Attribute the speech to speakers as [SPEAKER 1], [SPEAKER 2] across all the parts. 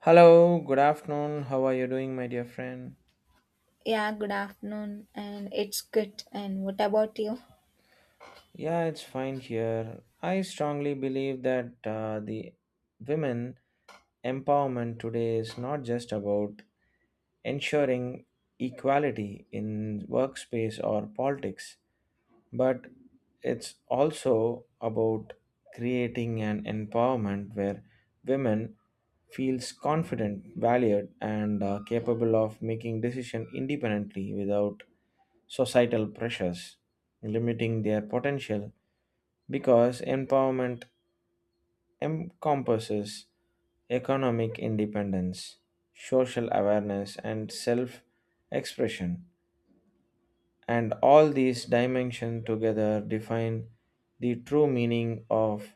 [SPEAKER 1] Hello, good afternoon. How are you doing, my dear friend?
[SPEAKER 2] Yeah, good afternoon, and it's good. And what about you?
[SPEAKER 1] Yeah, it's fine here. I strongly believe that the women empowerment today is not just about ensuring equality in workspace or politics, but it's also about creating an empowerment where women feels confident, valued, and capable of making decision independently without societal pressures, limiting their potential because empowerment encompasses economic independence, social awareness, and self expression. And all these dimensions together define the true meaning of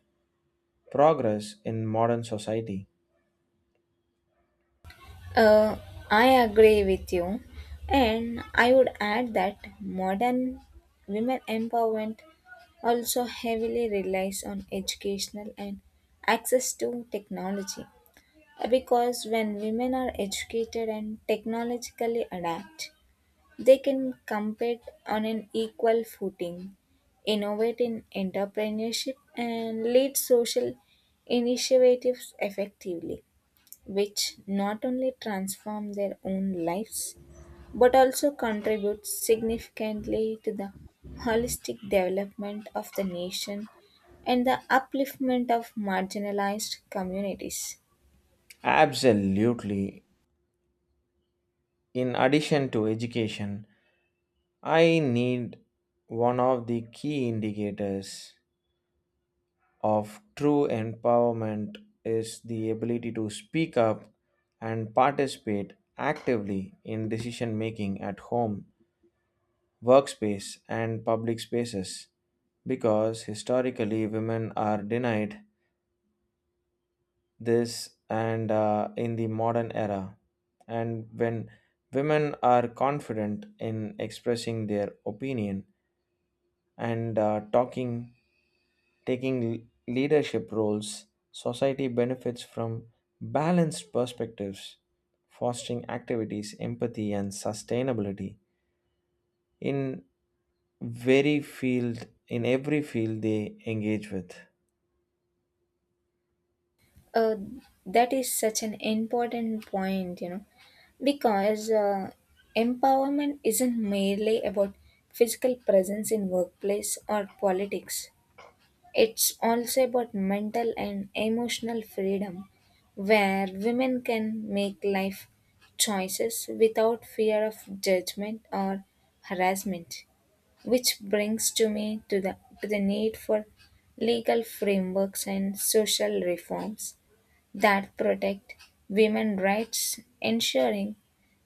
[SPEAKER 1] progress in modern society.
[SPEAKER 2] Uh, I agree with you, and I would add that modern women empowerment also heavily relies on educational and access to technology. Because when women are educated and technologically adept, they can compete on an equal footing, innovate in entrepreneurship, and lead social initiatives effectively, which not only transform their own lives but also contribute significantly to the holistic development of the nation and the upliftment of marginalized communities.
[SPEAKER 1] Absolutely. In addition to education, I need one of the key indicators of true empowerment is the ability to speak up and participate actively in decision making at home, workspace, and public spaces because historically women are denied this and in the modern era. And when women are confident in expressing their opinion and taking l- leadership roles, society benefits from balanced perspectives, fostering activities, empathy, and sustainability in very field in every field they engage with.
[SPEAKER 2] Uh, that is such an important point, you know, because empowerment isn't merely about physical presence in workplace or politics. It's also about mental and emotional freedom, where women can make life choices without fear of judgment or harassment. Which brings to me to the need for legal frameworks and social reforms that protect women's rights, ensuring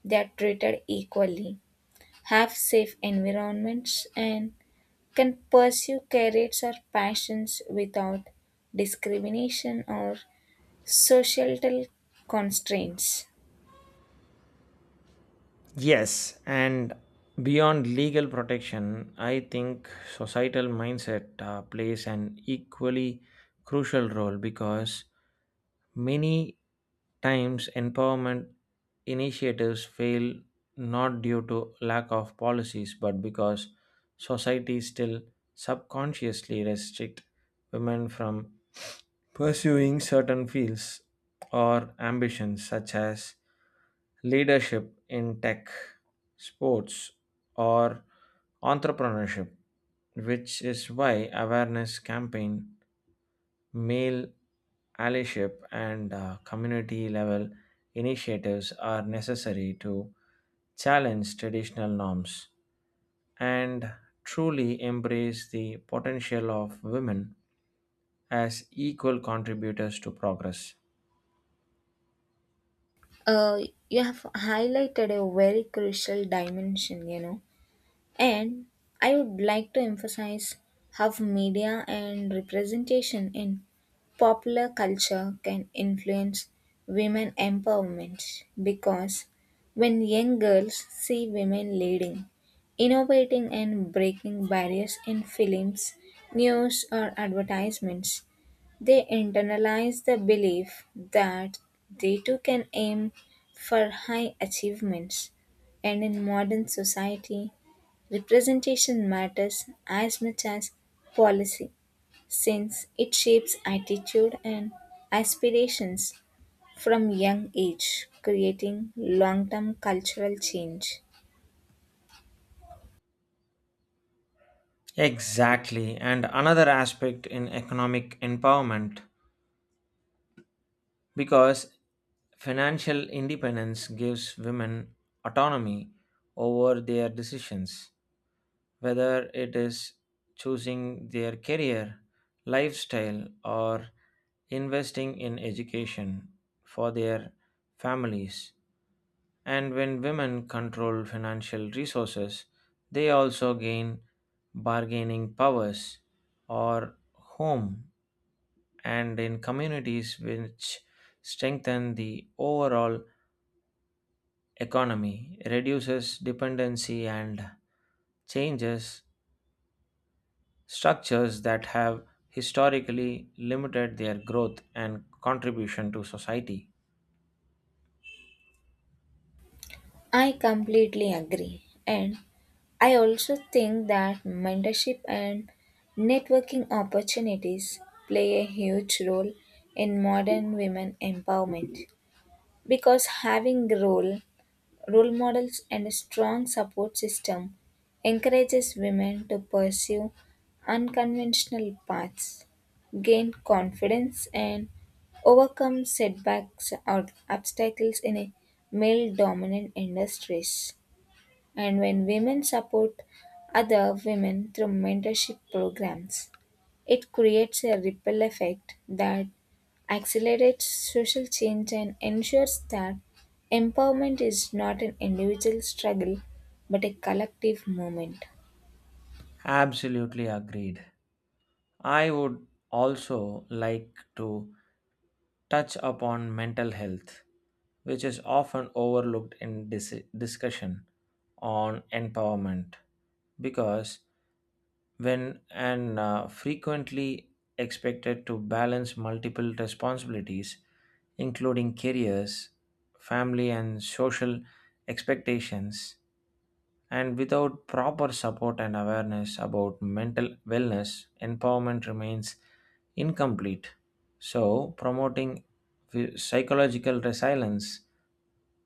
[SPEAKER 2] they are treated equally, have safe environments, and can pursue careers or passions without discrimination or societal constraints.
[SPEAKER 1] Yes, and beyond legal protection, I think societal mindset plays an equally crucial role because many times empowerment initiatives fail not due to lack of policies but because society still subconsciously restrict women from pursuing certain fields or ambitions such as leadership in tech, sports, or entrepreneurship, which is why awareness campaign, male allyship, and community level initiatives are necessary to challenge traditional norms and truly embrace the potential of women as equal contributors to progress.
[SPEAKER 2] uh, you have highlighted a very crucial dimension, you know. And I would like to emphasize how media and representation in popular culture can influence women empowerment, because when young girls see women leading, innovating, and breaking barriers in films, news, or advertisements, they internalize the belief that they too can aim for high achievements. And in modern society, representation matters as much as policy, since it shapes attitude and aspirations from young age, creating long-term cultural change.
[SPEAKER 1] Exactly, and another aspect in economic empowerment because financial independence gives women autonomy over their decisions, whether it is choosing their career, lifestyle, or investing in education for their families. And when women control financial resources, they also gain bargaining powers or home and in communities which strengthen the overall economy, reduces dependency and changes structures that have historically limited their growth and contribution to society.
[SPEAKER 2] I completely agree. And I also think that mentorship and networking opportunities play a huge role in modern women empowerment, because having a role models and a strong support system encourages women to pursue unconventional paths, gain confidence, and overcome setbacks or obstacles in a male dominant industries. And when women support other women through mentorship programs, it creates a ripple effect that accelerates social change and ensures that empowerment is not an individual struggle but a collective movement.
[SPEAKER 1] Absolutely agreed. I would also like to touch upon mental health, which is often overlooked in discussion on empowerment because when and frequently expected to balance multiple responsibilities including careers family and social expectations and without proper support and awareness about mental wellness, empowerment remains incomplete. So, promoting psychological resilience,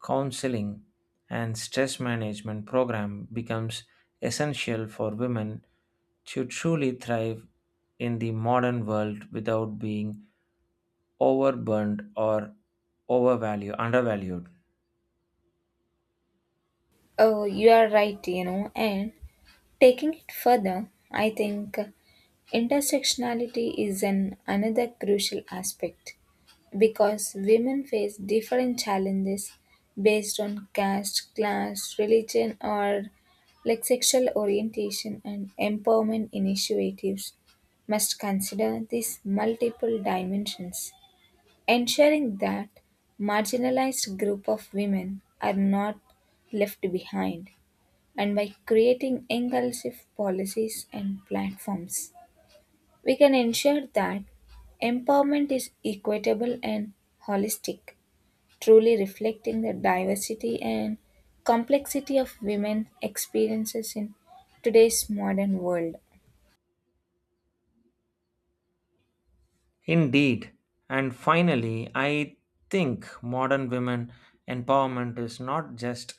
[SPEAKER 1] counseling, and stress management program becomes essential for women to truly thrive in the modern world without being overburdened or overvalued undervalued.
[SPEAKER 2] Oh, you are right, you know, and taking it further, I think. Intersectionality is an another crucial aspect, because women face different challenges based on caste, class, religion, or like sexual orientation, and empowerment initiatives must consider these multiple dimensions, ensuring that marginalized group of women are not left behind. And by creating inclusive policies and platforms, we can ensure that empowerment is equitable and holistic, truly reflecting the diversity and complexity of women's experiences in today's modern world.
[SPEAKER 1] Indeed. And finally, I think modern women empowerment is not just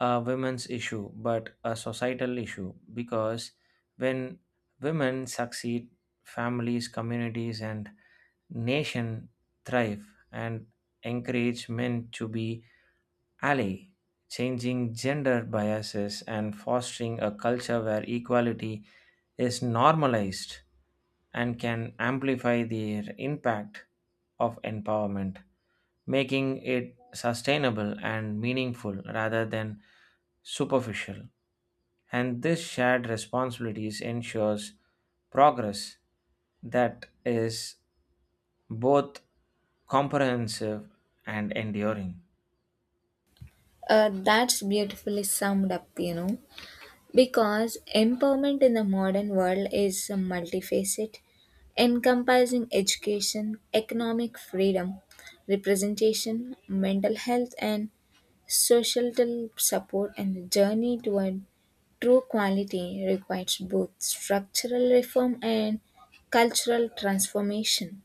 [SPEAKER 1] a women's issue but a societal issue because when women succeed, families, communities, and nation thrive and encourage men to be Alley, changing gender biases and fostering a culture where equality is normalized and can amplify the impact of empowerment, making it sustainable and meaningful rather than superficial. And this shared responsibilities ensures progress that is both comprehensive and enduring.
[SPEAKER 2] That's beautifully summed up, you know, because empowerment in the modern world is multifaceted, encompassing education, economic freedom, representation, mental health, and societal support. And the journey toward true quality requires both structural reform and cultural transformation,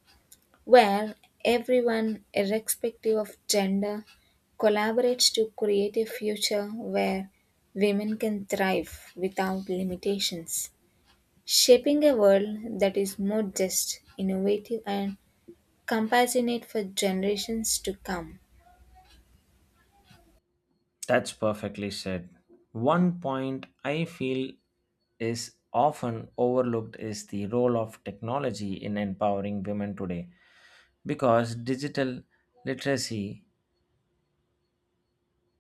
[SPEAKER 2] where everyone, irrespective of gender, collaborates to create a future where women can thrive without limitations, shaping a world that is more just, innovative, and compassionate for generations to come.
[SPEAKER 1] That's perfectly said. One point I feel is often overlooked is the role of technology in empowering women today because digital literacy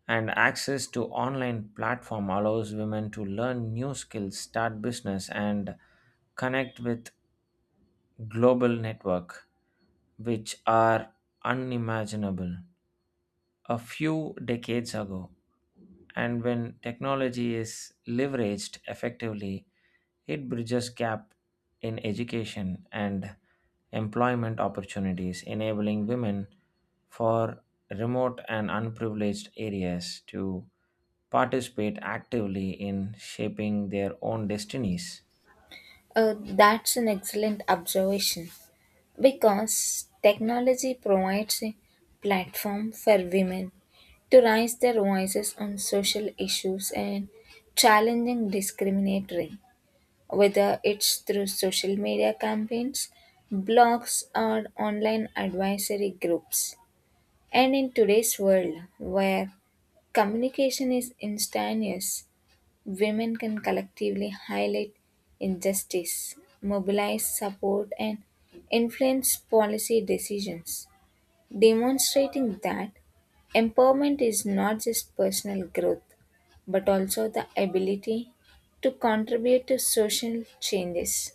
[SPEAKER 1] and access to online platform allows women to learn new skills, start business and connect with global network which are unimaginable a few decades ago. And when technology is leveraged effectively, it bridges gap in education and employment opportunities, enabling women for remote and unprivileged areas to participate actively in shaping their own destinies.
[SPEAKER 2] That's an excellent observation. Because technology provides a platform for women to raise their voices on social issues and challenging discriminatory, whether it's through social media campaigns, blogs, or online advisory groups. And in today's world, where communication is instantaneous, women can collectively highlight injustice, mobilize support, and influence policy decisions, demonstrating that empowerment is not just personal growth but also the ability to contribute to social changes.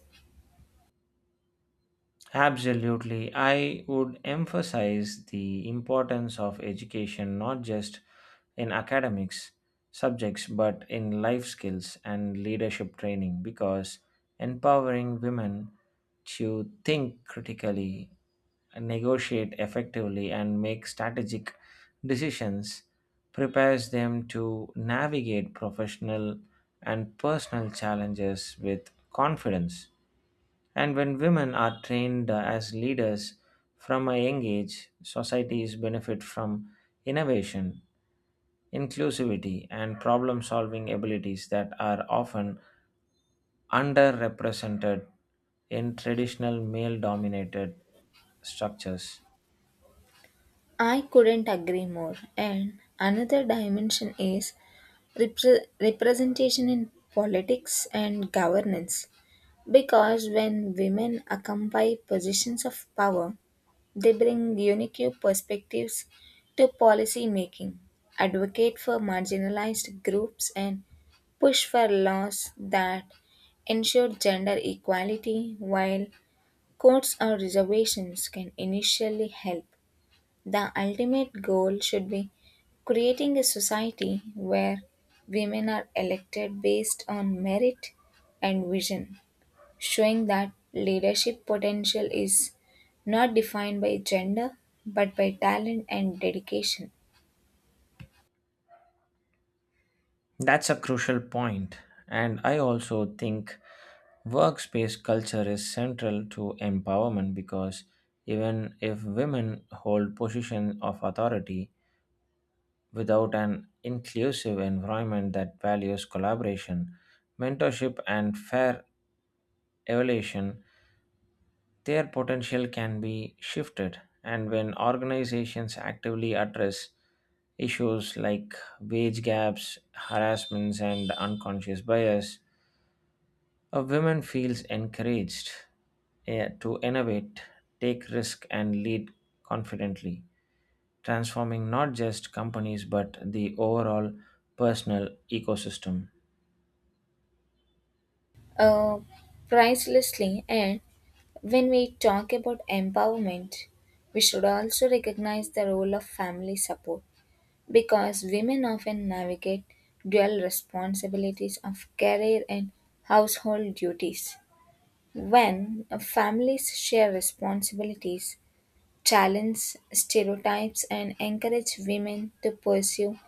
[SPEAKER 1] Absolutely. I would emphasize the importance of education not just in academics subjects but in life skills and leadership training because empowering women to think critically, negotiate effectively, and make strategic decisions prepares them to navigate professional and personal challenges with confidence and when women are trained as leaders from a young age, societies benefit from innovation, inclusivity, and problem solving abilities that are often underrepresented in traditional male dominated structures.
[SPEAKER 2] I couldn't agree more. And another dimension is representation in politics and governance. Because when women occupy positions of power, they bring unique perspectives to policy making, advocate for marginalized groups, and push for laws that ensure gender equality. While courts or reservations can initially help, the ultimate goal should be creating a society where women are elected based on merit and vision, showing that leadership potential is not defined by gender but by talent and dedication.
[SPEAKER 1] That's a crucial point, and I also think workspace culture is central to empowerment because even if women hold positions of authority, without an inclusive environment that values collaboration, mentorship, and fair evaluation, their potential can be shifted. And when organizations actively address issues like wage gaps, harassments, and unconscious bias, a woman feels encouraged to innovate, take risk, and lead confidently transforming not just companies but the overall personal ecosystem.
[SPEAKER 2] Uh, Pricelessly. And when we talk about empowerment, we should also recognize the role of family support, because women often navigate dual responsibilities of career and household duties. When families share responsibilities, challenge stereotypes, and encourage women to pursue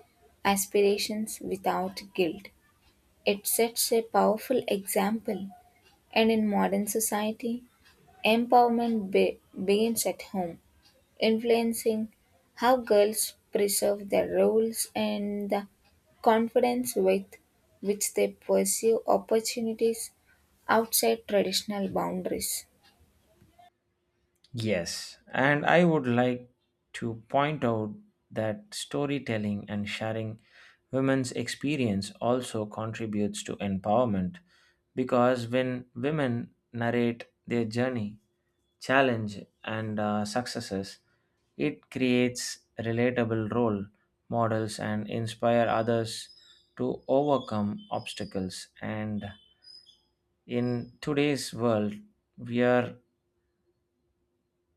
[SPEAKER 2] aspirations without guilt, it sets a powerful example, and in modern society, empowerment begins at home, influencing how girls preserve their roles and the confidence with which they pursue opportunities outside traditional boundaries.
[SPEAKER 1] Yes, and I would like to point out that storytelling and sharing women's experience also contributes to empowerment because when women narrate their journey, challenge, and successes, it creates relatable role models and inspire others to overcome obstacles and in today's world, we are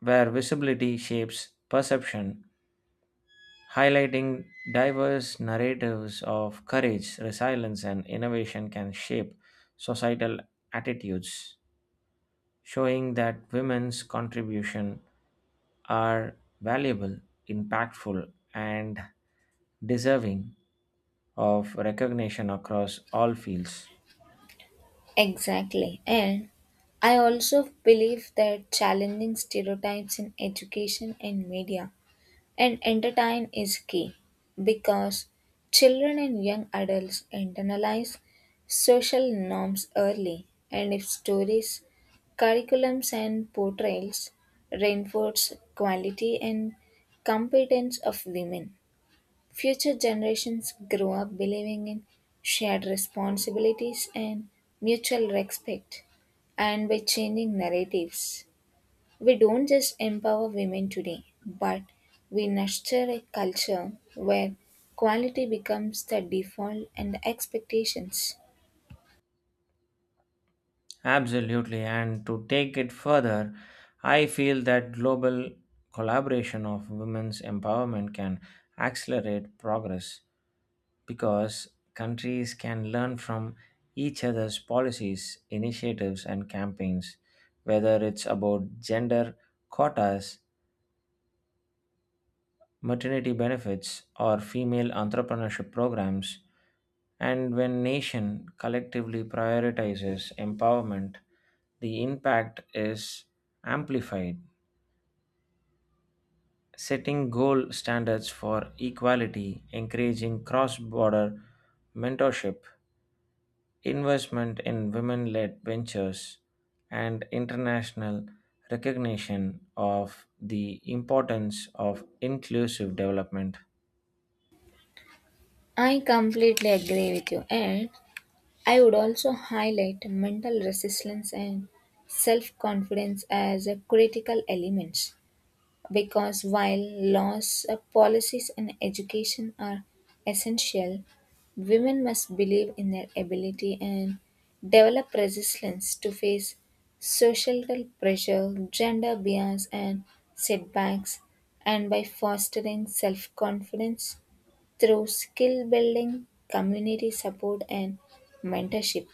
[SPEAKER 1] where visibility shapes perception, highlighting diverse narratives of courage, resilience, and innovation can shape societal attitudes, showing that women's contribution are valuable, impactful, and deserving of recognition across all fields.
[SPEAKER 2] Exactly. And I also believe that challenging stereotypes in education and media and entertain is key, because children and young adults internalize social norms early, and if stories, curriculums, and portrayals reinforce quality and competence of women, future generations grow up believing in shared responsibilities and mutual respect. And by changing narratives, we don't just empower women today, but we nurture a culture where quality becomes the default and the expectations.
[SPEAKER 1] Absolutely. And to take it further, I feel that global collaboration of women's empowerment can accelerate progress because countries can learn from each other's policies, initiatives, and campaigns, whether it's about gender quotas, maternity benefits, or female entrepreneurship programs. And when nation collectively prioritizes empowerment, the impact is amplified. Setting goal standards for equality, encouraging cross border mentorship, investment in women led ventures, and international recognition of the importance of inclusive development.
[SPEAKER 2] I completely agree with you, and I would also highlight mental resilience and self confidence as a critical elements, because while laws, policies, and education are essential, women must believe in their ability and develop resilience to face societal pressure, gender bias, and setbacks. And by fostering self confidence through skill building, community support, and mentorship,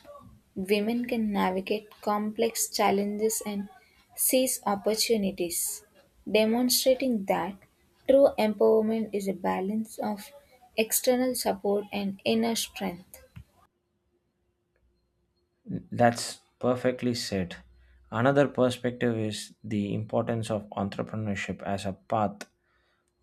[SPEAKER 2] women can navigate complex challenges and seize opportunities, demonstrating that true empowerment is a balance of external support and inner strength.
[SPEAKER 1] That's perfectly said. Another perspective is the importance of entrepreneurship as a path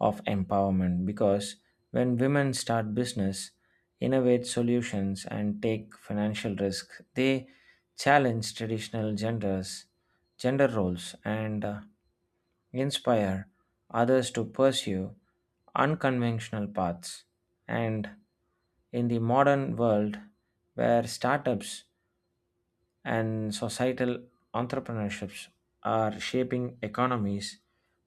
[SPEAKER 1] of empowerment because when women start business, innovate solutions, and take financial risk, they challenge gender roles, and inspire others to pursue unconventional paths. And in the modern world, where startups and societal entrepreneurships are shaping economies,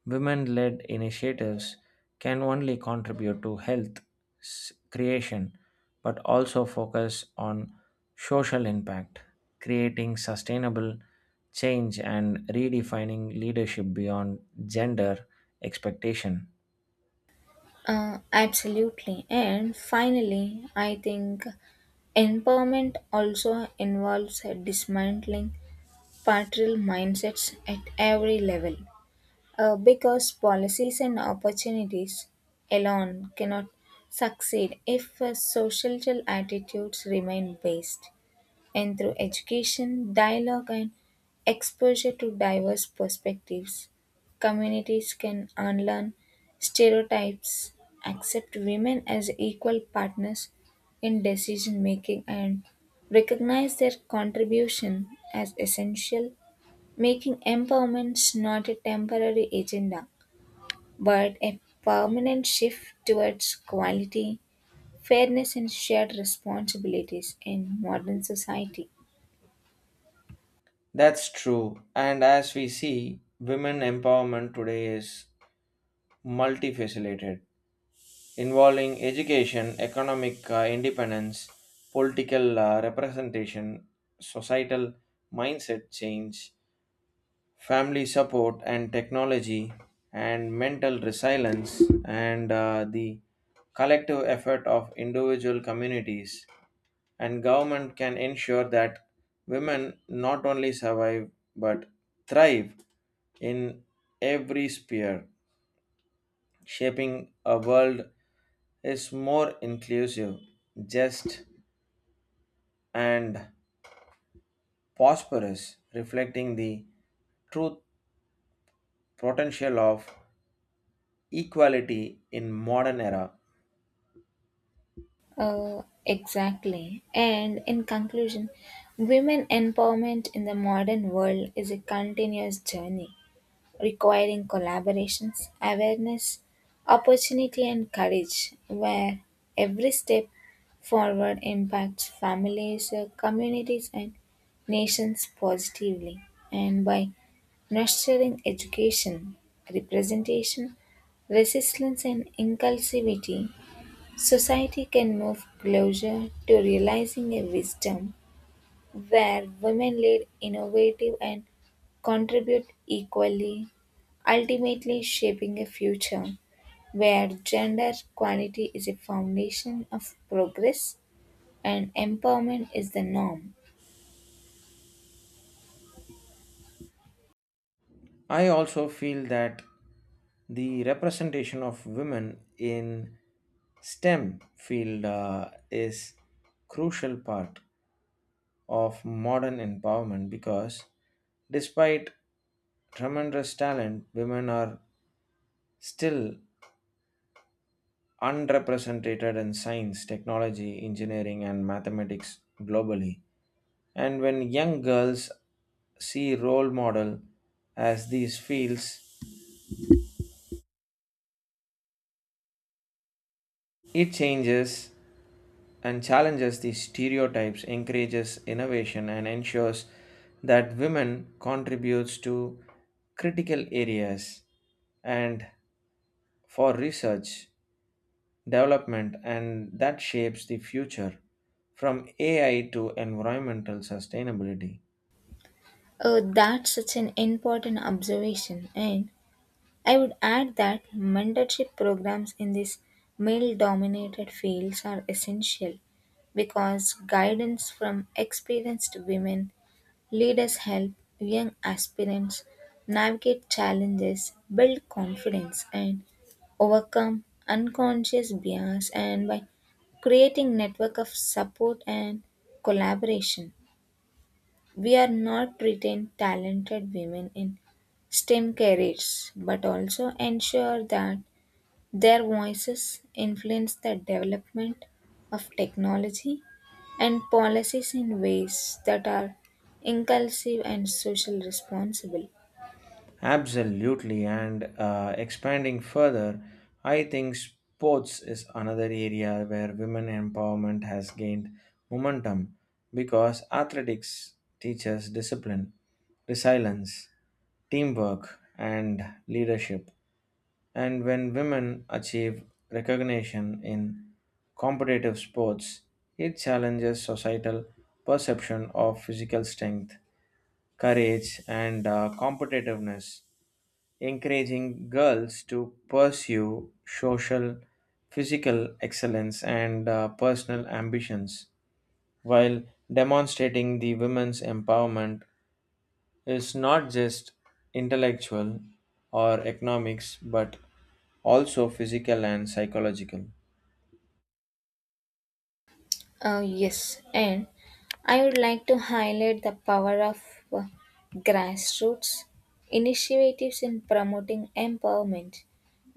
[SPEAKER 1] women led initiatives can only contribute to creation but also focus on social impact, creating sustainable change and redefining leadership beyond gender expectation.
[SPEAKER 2] Absolutely. And finally, I think empowerment also involves dismantling patriarchal mindsets at every level. Because policies and opportunities alone cannot succeed if societal attitudes remain based. And through education, dialogue, and exposure to diverse perspectives, communities can unlearn stereotypes, accept women as equal partners in decision making, and recognize their contribution as essential, making empowerment not a temporary agenda but a permanent shift towards quality, fairness, and shared responsibilities in modern society.
[SPEAKER 1] That's true. And as we see, women empowerment today is multifaceted involving education, economic independence, political representation, societal mindset change, family support and technology, and mental resilience, and the collective effort of individual communities. And government can ensure that women not only survive but thrive in every sphere, shaping a world is more inclusive, just, and prosperous, reflecting the true potential of equality in modern era.
[SPEAKER 2] Exactly. And in conclusion, women empowerment in the modern world is a continuous journey, requiring collaborations, awareness, opportunity, and courage, where every step forward impacts families, communities, and nations positively. And by nurturing education, representation, resilience, and inclusivity, society can move closer to realizing a wisdom where women lead innovative and contribute equally, ultimately shaping a future where gender equality is a foundation of progress and empowerment is the norm.
[SPEAKER 1] I also feel that the representation of women in STEM field is crucial part of modern empowerment because despite tremendous talent, women are still unrepresented in science, technology, engineering, and mathematics globally. And when young girls see role model as these fields, it changes and challenges these stereotypes, encourages innovation, and ensures that women contributes to critical areas and for research development and that shapes the future from AI to environmental sustainability.
[SPEAKER 2] Oh, that's such an important observation. And I would add that mentorship programs in these male dominated fields are essential, because guidance from experienced women leaders help young aspirants navigate challenges, build confidence, and overcome unconscious bias. And by creating network of support and collaboration, we are not retain talented women in STEM careers, but also ensure that their voices influence the development of technology and policies in ways that are inclusive and social responsible.
[SPEAKER 1] Absolutely, and expanding further, I think sports is another area where women empowerment has gained momentum because athletics teaches discipline, resilience, teamwork, and leadership, and when women achieve recognition in competitive sports, it challenges societal perception of physical strength, courage, and competitiveness, encouraging girls to pursue social, physical excellence, and personal ambitions, while demonstrating the women's empowerment is not just intellectual or economics but also physical and psychological.
[SPEAKER 2] Yes. And I would like to highlight the power of uh, grassroots initiatives in promoting empowerment,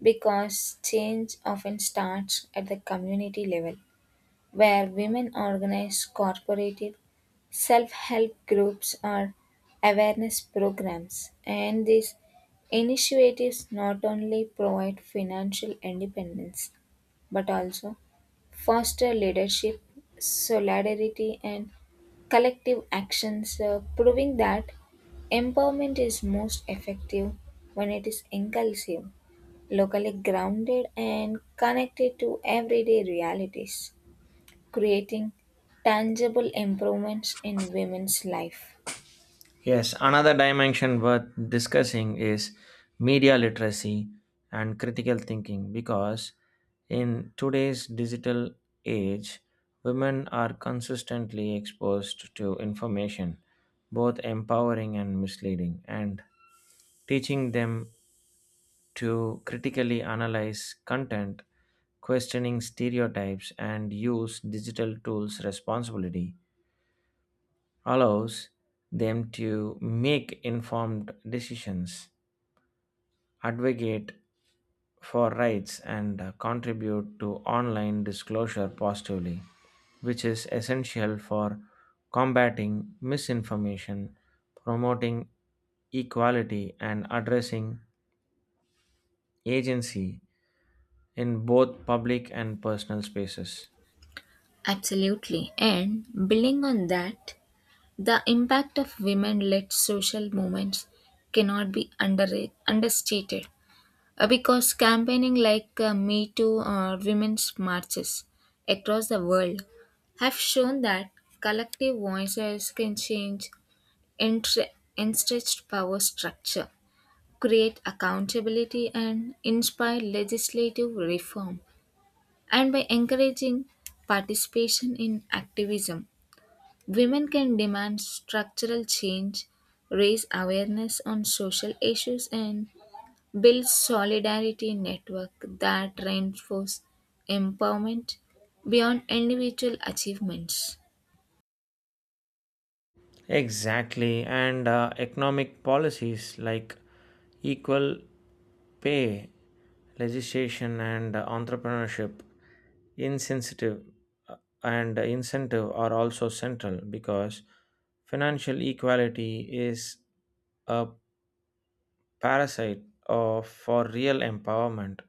[SPEAKER 2] because change often starts at the community level, where women organize cooperative self help groups or awareness programs. And these initiatives not only provide financial independence but also foster leadership, solidarity, and collective actions, proving that empowerment is most effective when it is inclusive, locally grounded, and connected to everyday realities, creating tangible improvements in women's life.
[SPEAKER 1] Yes, another dimension worth discussing is media literacy and critical thinking because in today's digital age, women are consistently exposed to information, both empowering and misleading, and teaching them to critically analyze content, questioning stereotypes, and use digital tools responsibly allows them to make informed decisions, advocate for rights, and contribute to online disclosure positively, which is essential for combating misinformation, promoting equality, and addressing agency in both public and personal spaces.
[SPEAKER 2] Absolutely. And building on that, the impact of women led social movements cannot be understated. Because campaigning like Me Too or women's marches across the world have shown that collective voices can change entre- entrenched power structure, create accountability, and inspire legislative reform. And by encouraging participation in activism, women can demand structural change, raise awareness on social issues, and build solidarity network that reinforce empowerment beyond individual achievements.
[SPEAKER 1] Exactly, and economic policies like equal pay legislation and entrepreneurship insensitive uh, and incentive are also central because financial equality is a parasite of for real empowerment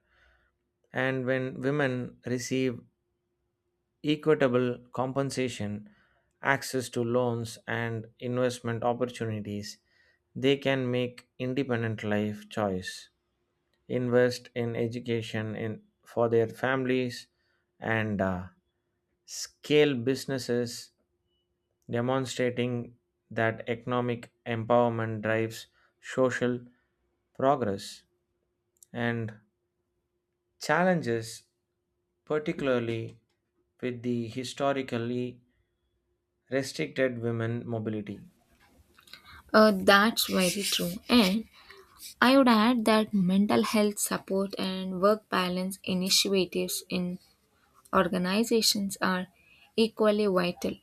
[SPEAKER 1] and when women receive equitable compensation access to loans and investment opportunities they can make independent life choice, invest in education in for their families, and scale businesses, demonstrating that economic empowerment drives social progress and challenges, particularly with the historically restricted women mobility.
[SPEAKER 2] That's very true. And I would add that mental health support and work balance initiatives in organizations are equally vital.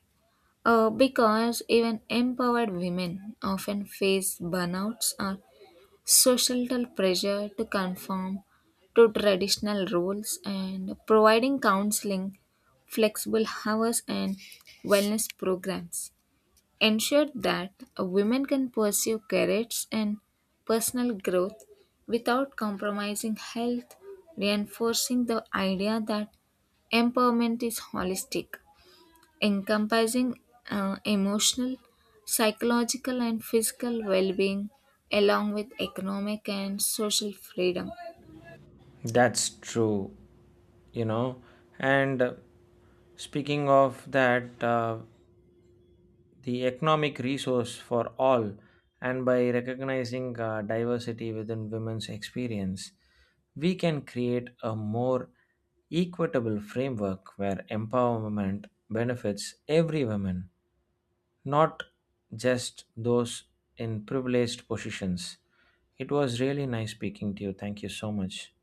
[SPEAKER 2] Because even empowered women often face burnouts or societal pressure to conform to traditional roles, and providing counseling, flexible hours, and wellness programs ensure that women can pursue careers and personal growth without compromising health, reinforcing the idea that empowerment is holistic, encompassing emotional, psychological, and physical well being, along with economic and social freedom.
[SPEAKER 1] That's true, you know. And speaking of that, the economic resource for all, and by recognizing diversity within women's experience, we can create a more equitable framework where empowerment benefits every woman, not just those in privileged positions. It was really nice speaking to you. Thank you so much.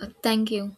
[SPEAKER 2] Thank you.